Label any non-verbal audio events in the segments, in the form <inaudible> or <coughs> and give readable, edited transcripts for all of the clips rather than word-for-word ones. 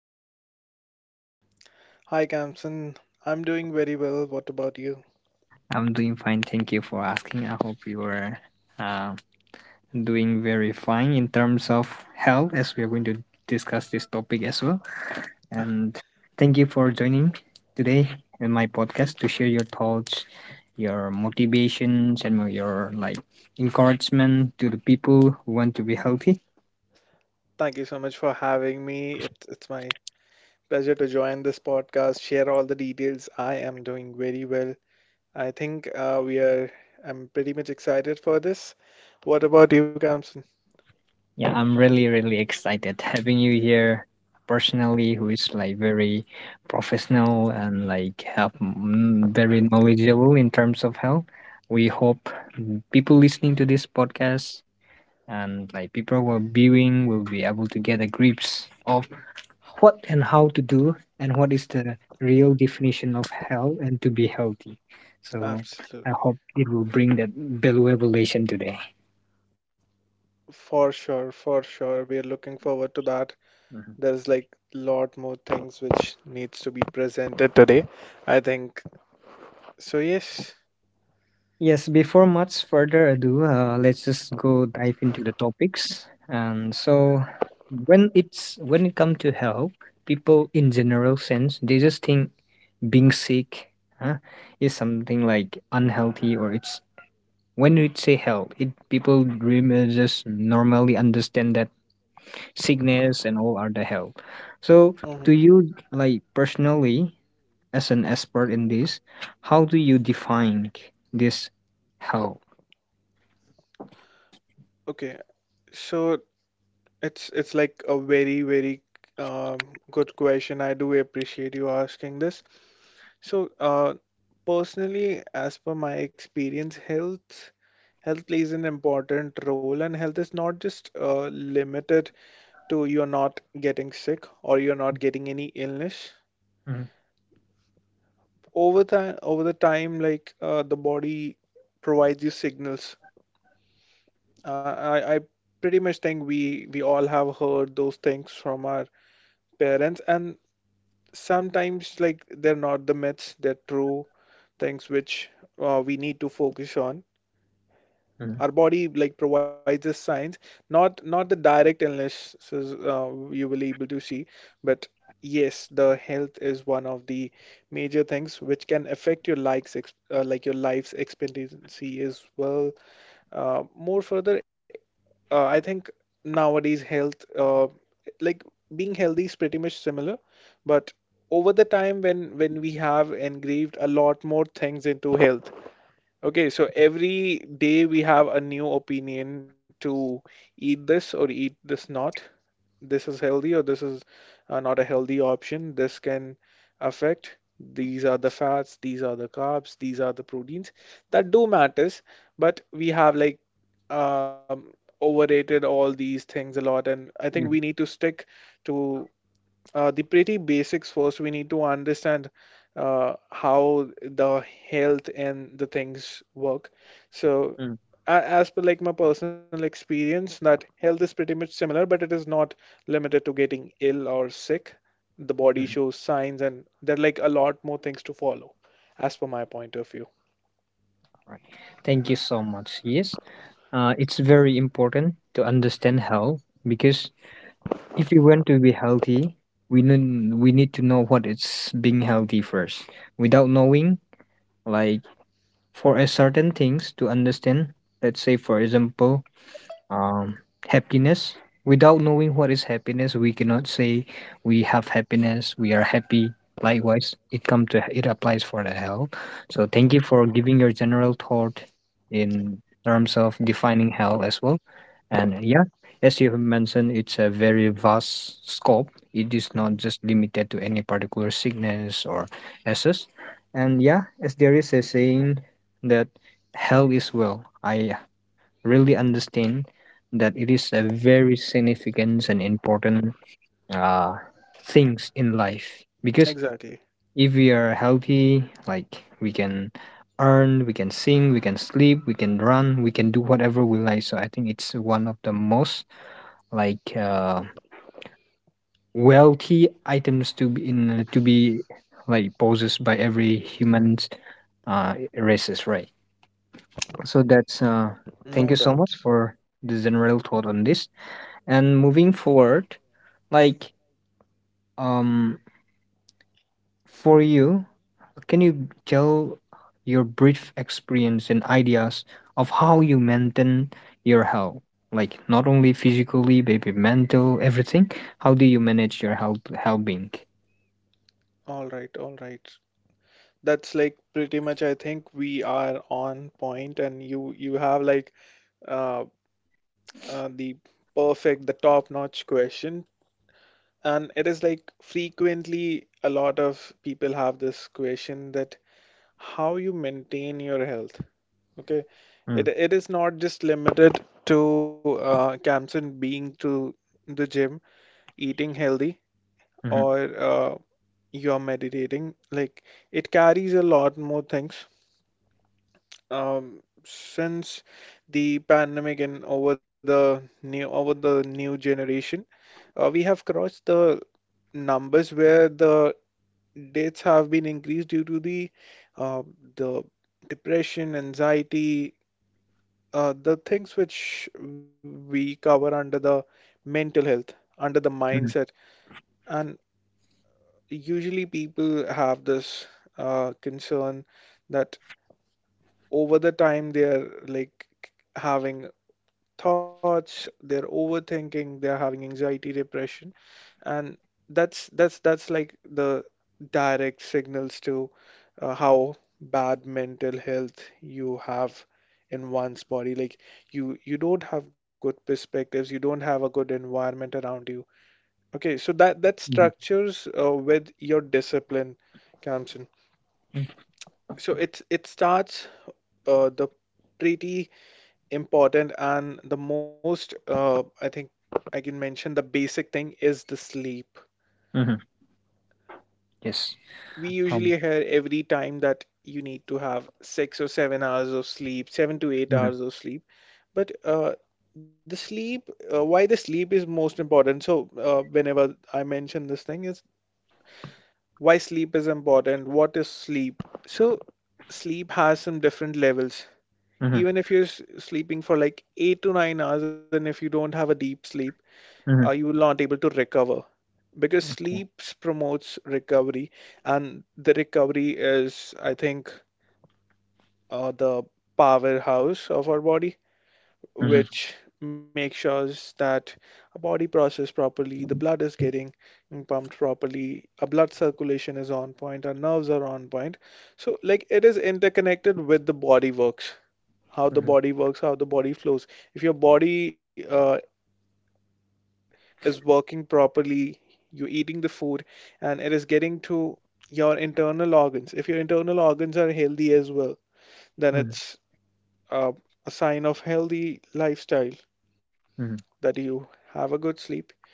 are you doing today? Hi, Kamsan. I'm doing very well. What about you? I'm doing fine. Thank you for asking. I hope you are uh, doing very fine in terms of health, as we are going to discuss this topic as well. And thank you for joining today in my podcast to share your thoughts, your motivations, and your like encouragement to the people who want to be healthy. Thank you so much for having me. It's my pleasure to join this podcast, share all the details. I am doing very well. I think I'm pretty much excited for this. What about you, Kamsan? Yeah, I'm really, really excited having you here personally, who is like very professional and like have very knowledgeable in terms of health. We hope people listening to this podcast and like people who are viewing will be able to get a grips of what and how to do and what is the real definition of health and to be healthy. So I Absolutely. hope it will bring that valuable lesson today. For sure, for sure. We are looking forward to that. There's like lot more things which needs to be presented today, I think. So yes. Yes, before much further ado, let's just go dive into the topics. And so, when it comes to health, people in general sense they just think being sick, huh, is something like unhealthy, or it's when we say health, it people dream just normally understand that sickness and all are the health. So, Mhm. do you like personally, as an expert in this, how do you define this health? Okay. So it's like a very good question. I do appreciate you asking this. So, personally, as per my experience, health plays an important role, and health is not just limited to you're not getting sick or you're not getting any illness. Over the time, like the body provides you signals. I pretty much think we all have heard those things from our parents, and sometimes like they're not the myths, they're true things which we need to focus on. Mhm, Our body like provides us signs, not the direct illnesses you will able to see, but yes, the health is one of the major things which can affect your likes ex like your life's expectancy as well. More further, I think nowadays health, like being healthy is pretty much similar, but over the time when we have engraved a lot more things into health. Okay, so every day we have a new opinion to eat this or eat this not, this is healthy or this is not a healthy option. This can affect. These are the fats, these are the carbs, these are the proteins that do matters, but we have like um, overrated all these things a lot, and I think we mhm, need to stick to the pretty basics first, we need to understand how the health and the things work. So, mhm, as per like my personal experience, that health is pretty much similar, but it is not limited to getting ill or sick. The body mhm. shows signs, and there are like a lot more things to follow, as per my point of view. All right. Thank you so much. Yes, it's very important to understand health because if you want to be healthy, we need to know what it's being healthy first. Without knowing, like for a certain things to understand, let's say for example, um, happiness. Without knowing what is happiness, we cannot say we have happiness, we are happy. Likewise, it come to it applies for the health. So thank you for giving your general thought in terms of defining health as well. And yeah, as you have mentioned, it's a very vast scope. It is not Mhm. just limited to any particular sickness or assess. And yeah, as there is a saying that health is well. I really understand that it is a very significant and important uh, things in life, because Exactly, if we are healthy, like we can earn, we can sing, we can sleep, we can run, we can do whatever we like. So I think it's one of the most like wealthy items to be in, to be like possessed by every human's races, right? So that's thank you no so much doubts. for the general thought on this. And moving forward, like, um for you, can you tell your brief experience and ideas of how you maintain your health? Like not only physically, maybe mental, everything. How do you manage your health, health being? All right, all right. That's like pretty much I think we are on point and you have like uh the perfect, the top-notch question. And it is like frequently a lot of people have this question that how you maintain your health. Okay, it Mm, it is not just limited to Camson being to the gym, eating healthy, mhm, or you're meditating. Like it carries a lot more things. Um, since the pandemic and over the new generation. We have crossed the numbers where the deaths have been increased due to uh, the depression, anxiety, the things which we cover under the mental health, under the mhm, mindset. And usually people have this concern that over the time they are like having thoughts, they're overthinking, they're having anxiety, depression, and that's like the direct signals to how bad mental health you have in one's body. Like you don't have good perspectives, you don't have a good environment around you. Okay, so that mhm, structures with your discipline comes in. So it starts the pretty important and the most I think I can mention the basic thing is the sleep. mhm. Yes. We usually Um, hear every time that you need to have 6 or 7 hours of sleep, seven to eight mhm, hours of sleep. But the sleep, why the sleep is most important. So, whenever I mention this thing, is why sleep is important. What is sleep? So, sleep has some different levels. mhm, Even if you're sleeping for like 8 to 9 hours, and if you don't have a deep sleep, mhm. you will not able to recover because Okay. sleep promotes recovery, and the recovery is I think the powerhouse of our body Mhm, which makes sure that our body process properly, the blood is getting pumped properly, our blood circulation is on point, our nerves are on point. So like it is interconnected with the body works, how the mhm, body works, how the body flows. If your body is working properly, you're eating the food, and it is getting to your internal organs. If your internal organs are healthy as well, then mhm, it's uh, a sign of healthy lifestyle, mhm, that you have a good sleep,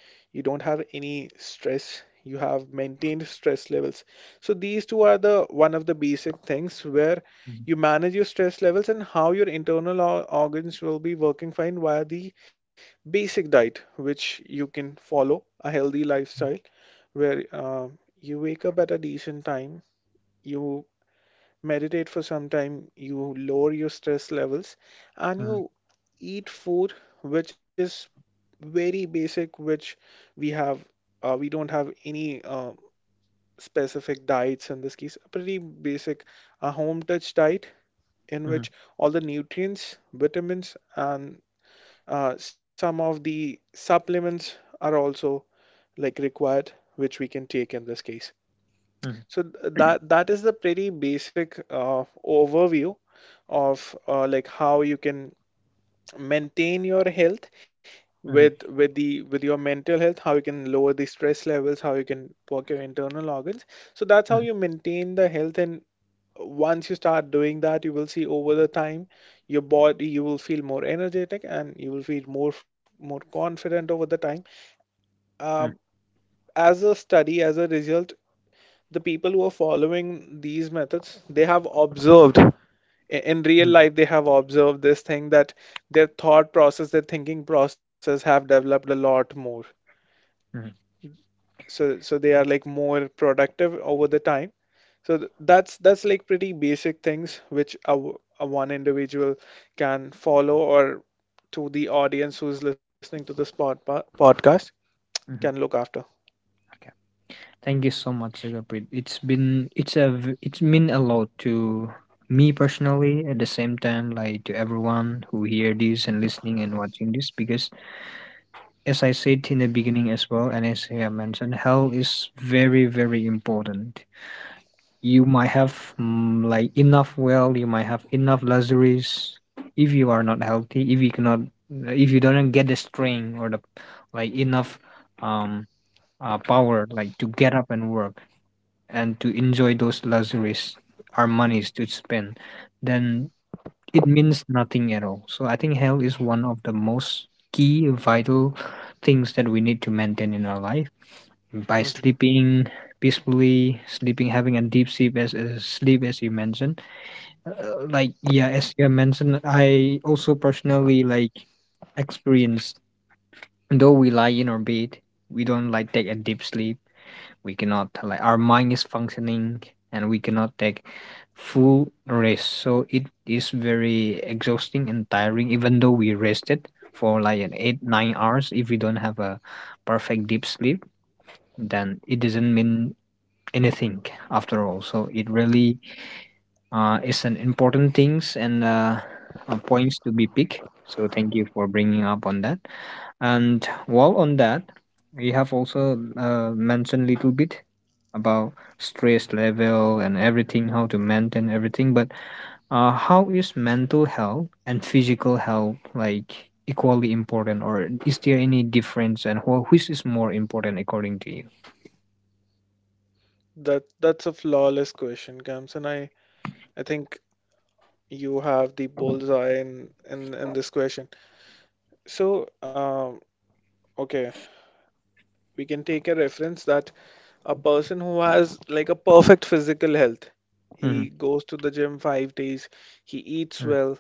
you don't have any stress, you have maintained stress levels. So these two are the one of the basic things where mhm, you manage your stress levels and how your internal organs will be working fine via the basic diet which you can follow, a healthy lifestyle where you wake up at a decent time, you meditate for some time, you lower your stress levels, and mhm, you eat food which is very basic, which we have, we don't have any specific diets in this case. A pretty basic, a home touch diet in mhm, which all the nutrients, vitamins, and some of the supplements are also like required, which we can take in this case. mhm, So that is the pretty basic overview of like how you can maintain your health, mhm, with the with your mental health, how you can lower the stress levels, how you can work your internal organs. So that's how you maintain the health, and once you start doing that you will see over the time your body, you will feel more energetic and you will feel more confident over the time. um, mhm, as a study, as a result, the people who are following these methods they have observed in real mhm, life they have observed this thing that their thought process, their thinking process have developed a lot more. mhm. So so they are like more productive over the time. So that's like pretty basic things which a one individual can follow, or to the audience who's listening to this podcast can Mhm. look after. Okay. Thank you so much, Zagapit. It's been it's a v- It's mean a lot to me personally, at the same time like to everyone who hear this and listening and watching this, because as I said in the beginning as well and as I have mentioned, health is very, very important. You might have like enough, well, you might have enough luxuries. If you are not healthy, if you cannot, if you don't get the strength or the like enough, um power, like to get up and work and to enjoy those luxuries, our monies to spend, then it means nothing at all. So I think health is one of the most key vital things that we need to maintain in our life by Hmm. sleeping peacefully, sleeping, having a deep sleep, as sleep, as you mentioned. Like, yeah, as you have mentioned, I also personally like experience, though we lie in our bed, we don't like take a deep sleep, we cannot, like, our mind is functioning and we cannot take full rest, so it is very exhausting and tiring even though we rested for like an 8 or 9 hours. If we don't have a perfect deep sleep, then it doesn't mean anything after all. So it really is an important things, and points to be picked. So thank you for bringing up on that. And while on that, you have also mentioned a little bit about stress level and everything, how to maintain everything. But how is mental health and physical health like equally important, or is there any difference? And which is more important according to you? That's a flawless question, Gams, and I think you have the bullseye in this question. So um, okay, we can take a reference that a person who has like a perfect physical health. He Mm-hmm, goes to the gym 5 days, he eats well,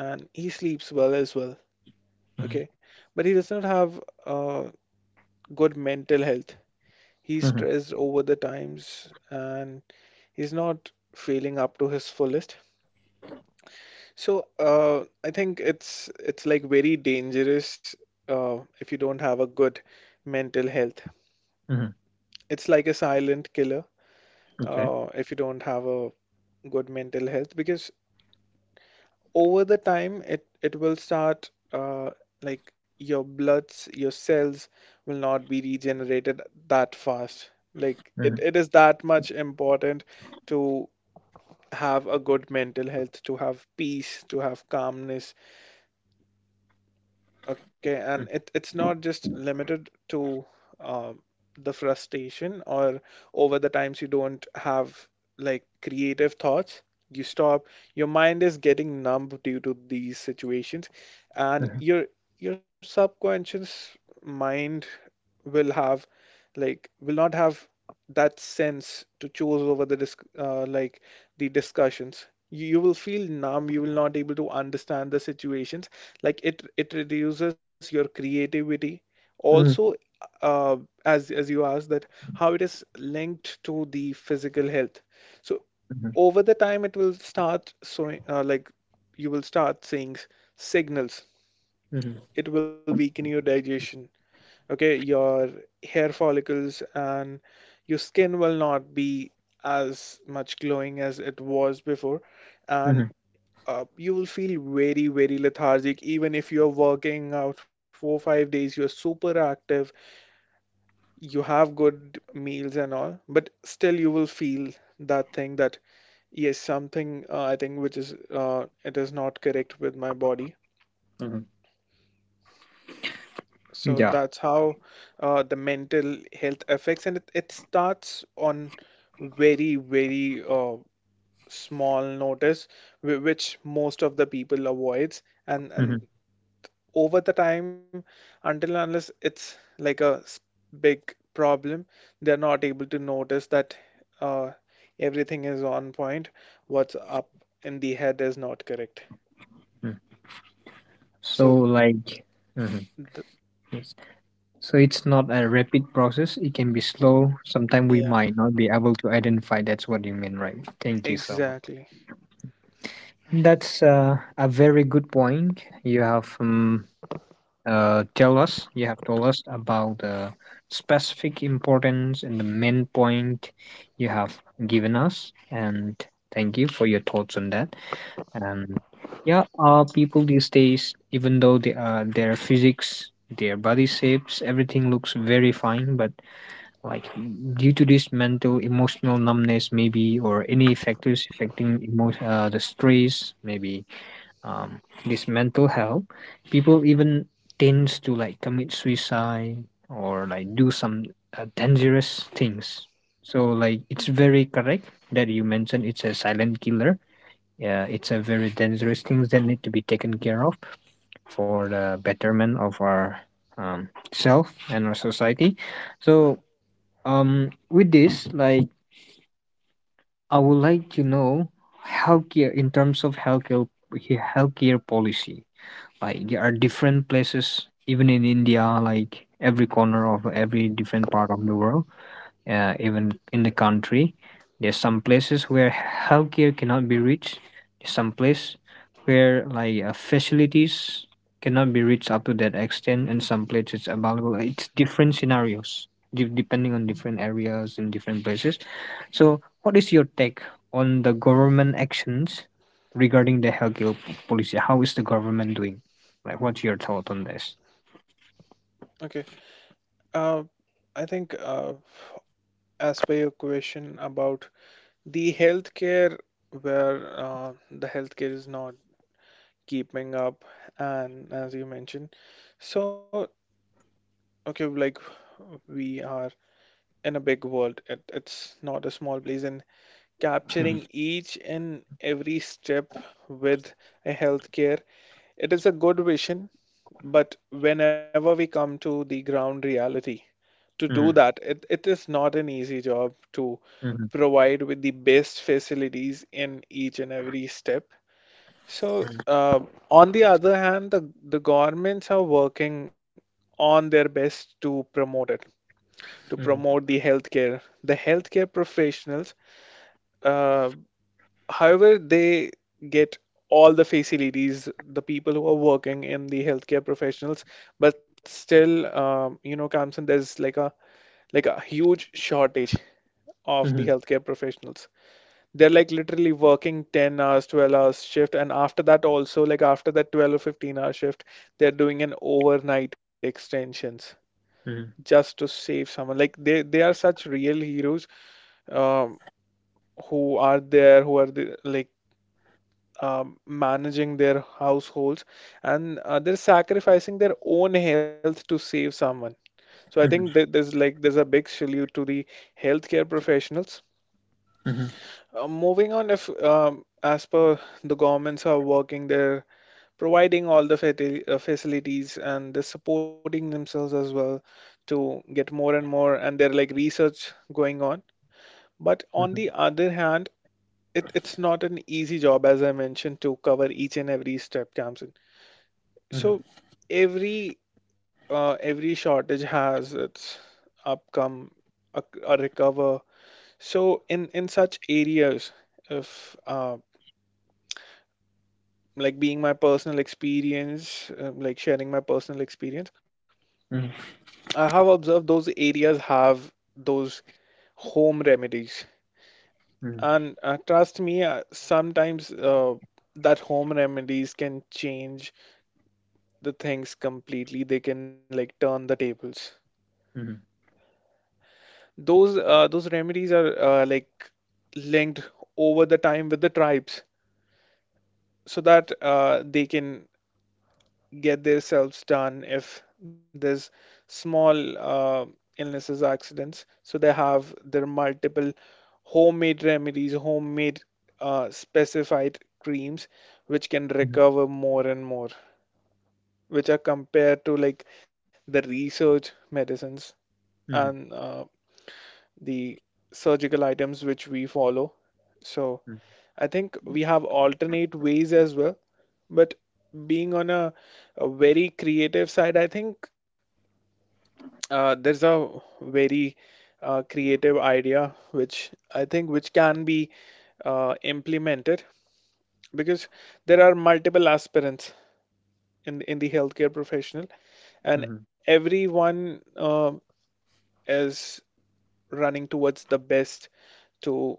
and he sleeps well as well. mm-hmm, Okay. But he does not have uh, good mental health. He's mm-hmm. stressed over the times, and he's not feeling up to his fullest. So I think it's like very dangerous if you don't have a good mental health. It's like a silent killer Okay. If you don't have a good mental health, because over the time it will start like your bloods, your cells will not be regenerated that fast. Like it, Mhm, it is that much important to have a good mental health, to have peace, to have calmness. Okay, and mhm, it's not just limited to um, the frustration, or over the times you don't have like creative thoughts. You stop, your mind is getting numb due to these situations, and mhm, your subconscious mind will have, like will not have that sense to choose over the disc like the discussions. You will feel numb, you will not able to understand the situations, like it reduces your creativity mhm, also. Uh, as as you asked that how it is linked to the physical health, so mhm, over the time it will start, so like you will start seeing signals, mhm, it will weaken your digestion. Okay, your hair follicles and your skin will not be as much glowing as it was before, and mhm, you will feel very, very lethargic. Even if you're working out four, 5 days, you're super active, you have good meals and all, but still you will feel that thing that, yes, something I think which is it is not correct with my body. mhm. So Yeah. that's how the mental health affects, and it starts on very, very small notice, which most of the people avoids, Mhm, and over the time until and unless it's like a big problem they're not able to notice that uh, everything is on point, what's up in the head is not correct. mhm. So So like, mhm, th-. yes. So it's not a rapid process. It can be slow. Sometimes we Yeah, might not be able to identify. That's what you mean, right? Thank you so much. exactly. That's a very good point. You have tell us. You have told us about the specific importance and the main point you have given us. And thank you for your thoughts on that. And yeah, people these days, even though their physics, their body shapes, everything looks very fine, but like due to this mental, emotional numbness, maybe, or any factors affecting the stress, maybe, um, this mental health, people even tends to like commit suicide or like do some dangerous things. So like it's very correct that you mentioned it's a silent killer. Yeah, it's a very dangerous things that need to be taken care of for the betterment of our self and our society. So, with this, like, I would like to know healthcare, in terms of healthcare, healthcare policy. Like, there are different places, even in India, like every corner of every different part of the world, even in the country. There's some places where healthcare cannot be reached. There's some place where like facilities cannot be reached up to that extent, and some places available. It's different scenarios depending on different areas and different places. So, what is your take on the government actions regarding the healthcare policy? How is the government doing? Like, what's your thought on this? Okay, uh, I think as per your question about the healthcare, where the healthcare is not keeping up and as you mentioned. So okay, like we are in a big world. It's not a small place. And capturing each and every step with a healthcare, it is a good vision. But whenever we come to the ground reality, to do Mm-hmm, that, it is not an easy job to mm-hmm, provide with the best facilities in each and every step. So on the other hand, the governments are working on their best to promote it to mm-hmm, promote the healthcare. The healthcare professionals, uh, however, they get all the facilities, the people who are working in the healthcare professionals, but still, you know, Kamsan, there's like a huge shortage of mm-hmm, the healthcare professionals. They're like literally working 10 hours, 12 hours shift, and after that also, like after that 12 or 15-hour shift, they're doing an overnight extensions, just to save someone. Like they are such real heroes, um, who are there, who are the, like managing their households, and they're sacrificing their own health to save someone. So I think that mm-hmm, there's a big salute to the healthcare professionals. mm-hmm. Moving on, if as per the governments are working their providing all the facilities and they're supporting themselves as well to get more and more and they're like research going on, but on the other hand, it's not an easy job as I mentioned to cover each and every step, Kamsin. Mhm, So every every shortage has its upcome, a, a recover. So in such areas, if like being my personal experience, like sharing my personal experience, mhm, I have observed those areas have those home remedies, mhm, and trust me, sometimes, that home remedies can change the things completely. They can like turn the tables. mhm, Those remedies are like linked over the time with the tribes, so that they can get themselves done if there's small illnesses, accidents. So they have their multiple homemade remedies, homemade specified creams, which can mhm, recover more and more, which are compared to like the research medicines mhm, mhm, and the surgical items which we follow. So I think we have alternate ways as well. But being on a very creative side, I think there's a very creative idea which I think which can be implemented because there are multiple aspirants in the healthcare professional mhm, and everyone is running towards the best to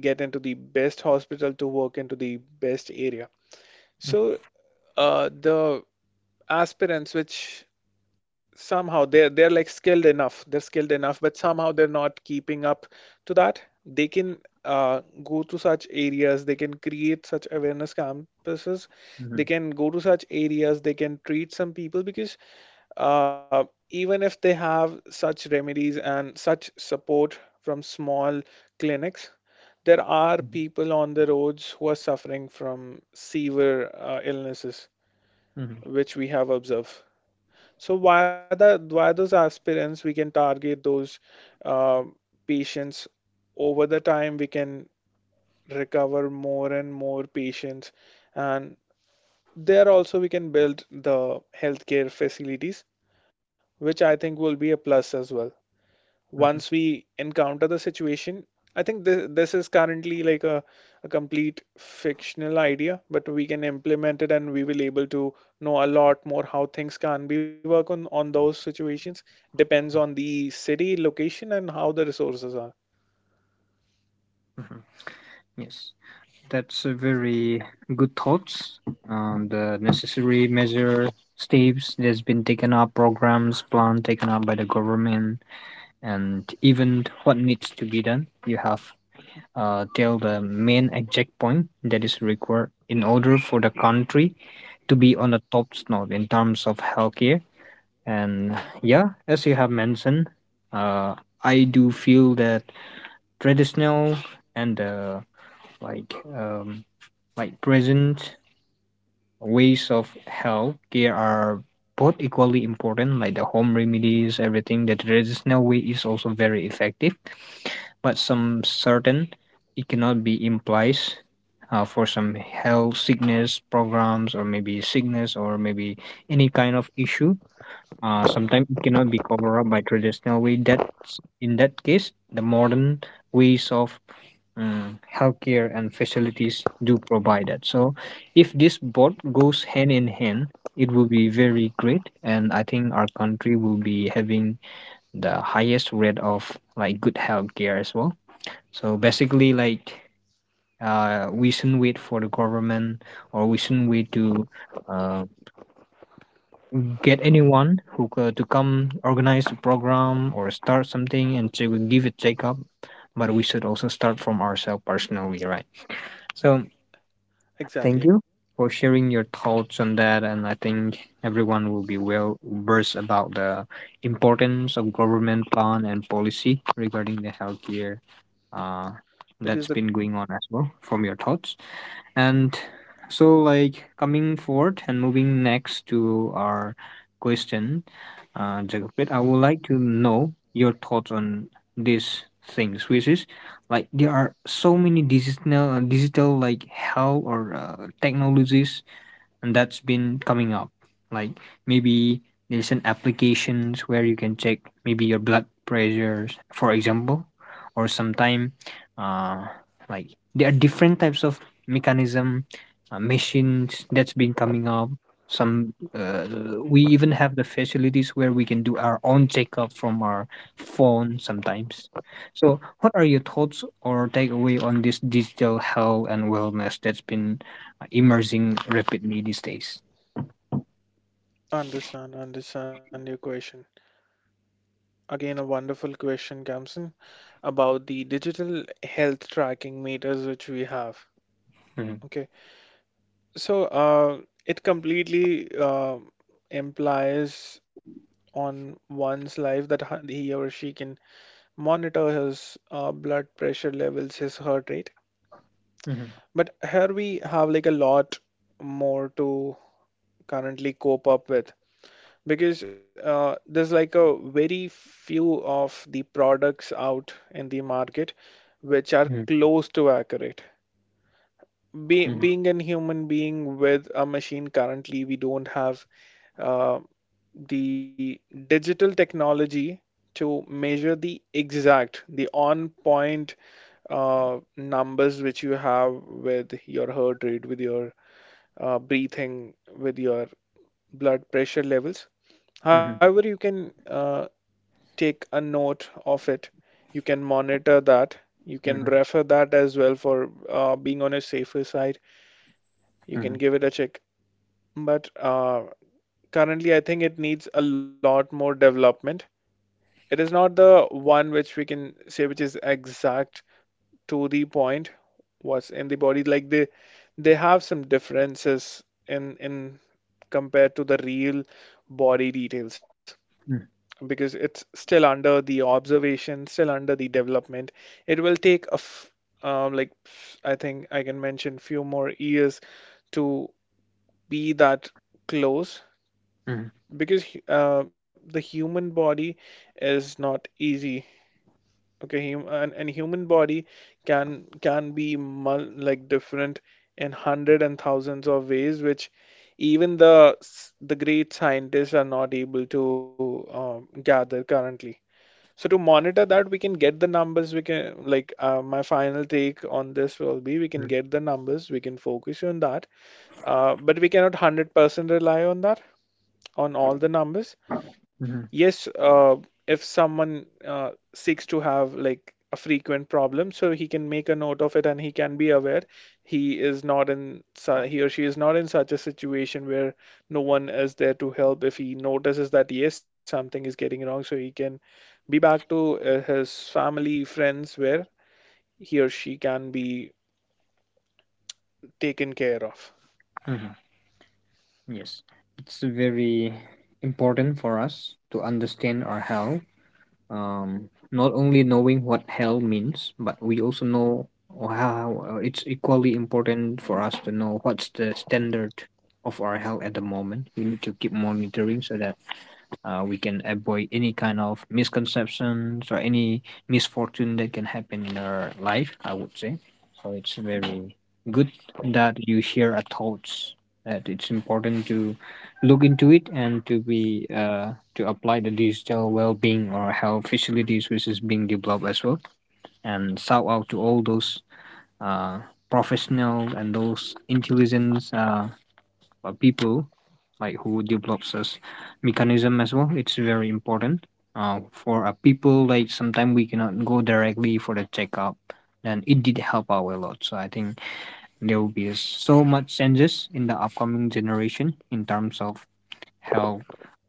get into the best hospital to work into the best area. So the aspirants, which somehow they're like skilled enough, they're skilled enough, but somehow they're not keeping up to that. They can go to such areas, they can create such awareness campuses, mhm, they can go to such areas, they can treat some people because uh, even if they have such remedies and such support from small clinics, there are mhm, people on the roads who are suffering from severe illnesses, mhm, which we have observed. So via those aspirants, we can target those uh, patients. Over the time, we can recover more and more patients, and there also we can build the healthcare facilities, which I think will be a plus as well, once mhm, we encounter the situation. I think this is currently like a complete fictional idea, but we can implement it and we will able to know a lot more how things can be work on those situations. Depends on the city, location, and how the resources are. mhm. Yes, that's a very good thoughts. The necessary measure steps that's been taken up, programs, plan taken up by the government, and even what needs to be done. You have tell the main exact point that is required in order for the country to be on the top snob in terms of healthcare. And yeah, as you have mentioned, uh, I do feel that traditional and like um, like present ways of health care are both equally important. Like the home remedies, everything. The traditional way is also very effective, but some certain it cannot be in place. For some health sickness programs, or maybe sickness, or maybe any kind of issue, sometimes it cannot be covered up by traditional way. That's in that case, the modern ways of healthcare and facilities do provide that. So, if this both goes hand in hand, it will be very great, and I think our country will be having the highest rate of like good healthcare as well. So basically, like, we shouldn't wait for the government, or we shouldn't wait to uh, get anyone who to come organize a program or start something and to give it take up, but we should also start from ourselves personally, right? So thank Exactly. you for sharing your thoughts on that, and I think everyone will be well versed about the importance of government plan and policy regarding the healthcare uh, that's Because the been going on as well from your thoughts. And so, like, coming forward and moving next to our question, Jagapit, I would like to know your thoughts on these things, which is like there are so many digital like health or technologies, and that's been coming up. Like maybe there's an applications where you can check maybe your blood pressures, for example, or sometime uh, like there are different types of mechanism, machines that's been coming up. Some We even have the facilities where we can do our own checkup from our phone sometimes. So, what are your thoughts or takeaway on this digital health and wellness that's been emerging rapidly these days? understand your question. Again, a wonderful question, Kamsen, about the digital health tracking meters which we have. Mhm, Okay. So, it completely implies on one's life that he or she can monitor his blood pressure levels, his heart rate. mhm, But here we have like a lot more to currently cope up with because there's like a very few of the products out in the market which are mhm, close to accurate. Be mhm, being a human being with a machine currently, we don't have uh, the digital technology to measure the exact, the on point numbers which you have with your heart rate, with your breathing, with your blood pressure levels. However, mhm, you can take a note of it. You can monitor that. You mhm, can mhm, refer that as well for being on a safer side. You can mhm, give it a check. But currently, I think it needs a lot more development. It is not the one which we can say which is exact to the point what's in the body. Like they have some differences in compared to the real body details because it's still under the observation, still under the development. It will take a f like I think I can mention few more years to be that close mhm, because the human body is not easy. Okay, hum and human body can be mul like different in hundred and thousands of ways, which even the the great scientists are not able to gather currently. So to monitor that, we can get the numbers. We can like my final take on this will be we can mhm, get the numbers. We can focus on that, but we cannot 100% rely on that on all the numbers. mhm, Yes, if someone seeks to have like a frequent problem, so he can make a note of it and he can be aware, he is not in su he or she is not in such a situation where no one is there to help. If he notices that yes, something is getting wrong, so he can be back to his family, friends, where he or she can be taken care of. mhm. Yes, it's very important for us to understand our health, not only knowing what hell means, but we also know how, it's equally important for us to know what's the standard of our hell at the moment. We need to keep monitoring so that we can avoid any kind of misconceptions or any misfortune that can happen in our life, I would say. So it's very good that you share our thoughts. That it's important to look into it and to apply the digital well-being or health facilities which is being developed as well, and shout out to all those uh, professional and those intelligent, people like who develops this mechanism as well. It's very important, for a people, like sometimes we cannot go directly for the checkup, and it did help out a lot. So I think there will be so much changes in the upcoming generation in terms of health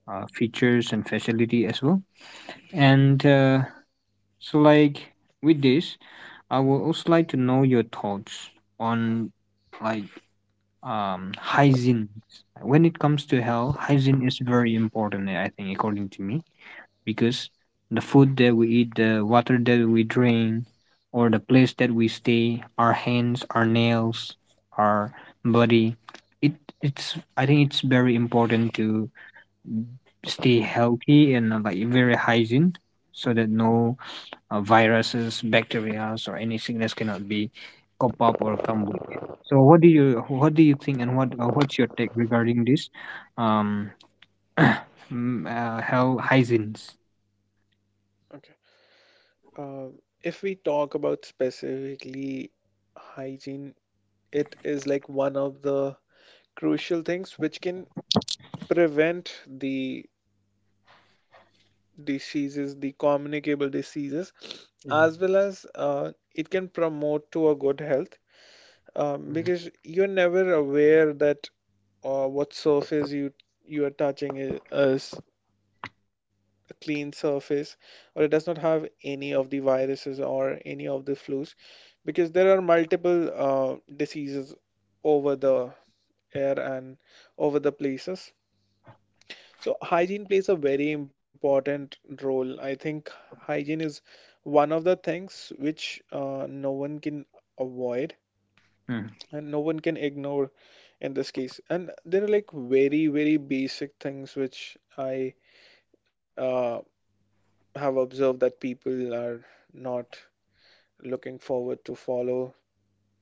features and facility as well. And So, like, with this, I would also like to know your thoughts on like, hygiene. When it comes to health, hygiene is very important. I think, according to me, because the food that we eat, the water that we drink, or the place that we stay, our hands, our nails, our body, it it's. I think it's very important to stay healthy and like very hygiene, so that no viruses, bacteria, or any sickness cannot be cop up or come with. So what do you think, and what's your take regarding this um <coughs> <clears throat> health hygienes? Okay. Uh, if we talk about specifically hygiene, it is like one of the crucial things which can prevent the diseases, the communicable diseases, as well as it can promote to a good health, Mhm, because you're never aware that what surface you are touching is a clean surface or it does not have any of the viruses or any of the flus because there are multiple diseases over the air and over the places. So hygiene plays a very important role. I think hygiene is one of the things which no one can avoid mhm. Mm, and no one can ignore in this case. And there are like very, very basic things which I uh, have observed that people are not looking forward to follow.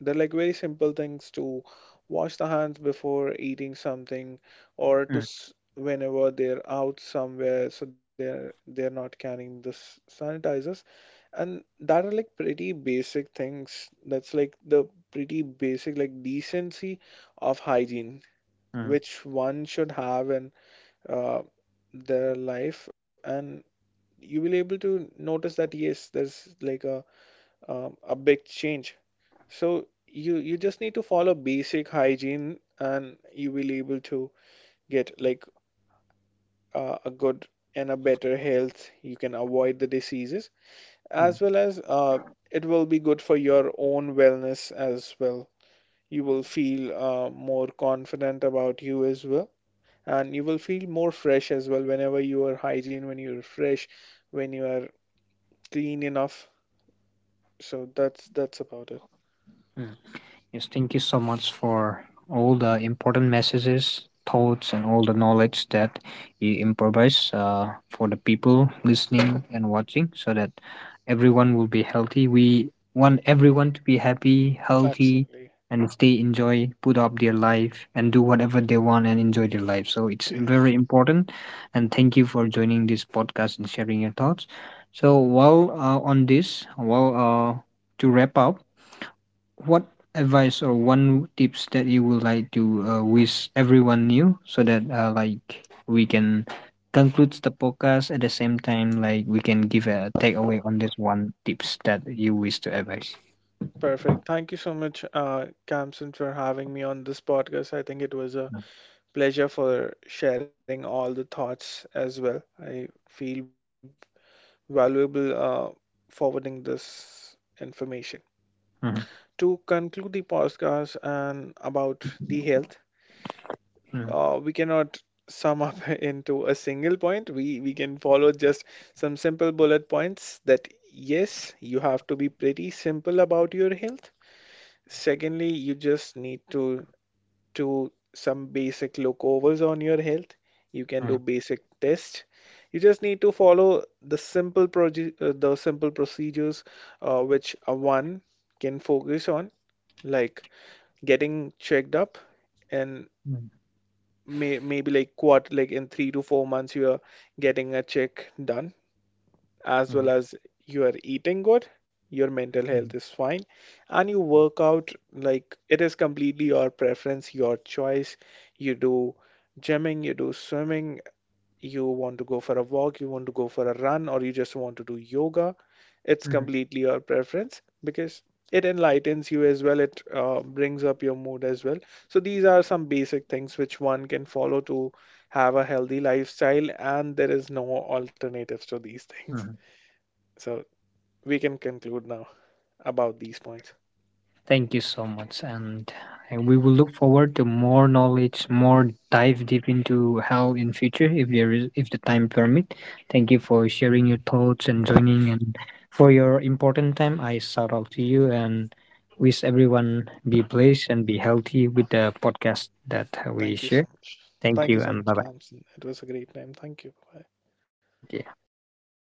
They're like very simple things to wash the hands before eating something or to mm, whenever they're out somewhere, so they're not carrying the sanitizers, and that are like pretty basic things, that's like the pretty basic like decency of hygiene mm. which one should have in uh, their life, and you will able to notice that yes there's like a big change. So you just need to follow basic hygiene and you will able to get like a good and a better health. You can avoid the diseases 嗯。as well as it will be good for your own wellness as well. You will feel more confident about you as well, and you will feel more fresh as well whenever you are hygiene, when you're fresh, when you are clean enough. So that's about it. 嗯。Yes, thank you so much for all the important messages, thoughts, and all the knowledge that you improvise for the people listening and watching, so that everyone will be healthy. We want everyone to be happy, healthy, Absolutely. and stay enjoy, put up their life, and do whatever they want and enjoy their life. So it's very important. And thank you for joining this podcast and sharing your thoughts. So, while on this, while uh, to wrap up, what advice or one tips that you would like to wish everyone knew so that like we can conclude the podcast, at the same time like we can give a takeaway on this one tips that you wish to advise. Perfect. Thank you so much, Kamsun, for having me on this podcast. I think it was a pleasure for sharing all the thoughts as well. I feel valuable forwarding this information. Mhm, To conclude the podcast and about the health, mhm, we cannot sum up <laughs> into a single point. We can follow just some simple bullet points that yes, you have to be pretty simple about your health. Secondly, you just need to some basic look overs on your health. You can do mhm, basic tests. You just need to follow the simple the simple procedures which a one can focus on, like getting checked up, and mhm, maybe like what like in 3 to 4 months you are getting a check done, as well mhm, as you are eating good, your mental health mhm, is fine, and you work out like it is completely your preference, your choice. You do gymming, you do swimming, you want to go for a walk, you want to go for a run, or you just want to do yoga. It's mhm, completely your preference because it enlightens you as well. It brings up your mood as well. So these are some basic things which one can follow to have a healthy lifestyle, and there is no alternatives to these <laughs> things. mhm. So we can conclude now about these points. Thank you so much. And We will look forward to more knowledge, more dive deep into health in future, if the time permit. Thank you for sharing your thoughts and joining, and for your important time. I shout out to you and wish everyone be blessed and be healthy with the podcast that we Thank you share. so much. Thank Thank you you so and much, bye Camps. It was a great time. Thank you. Bye. bye.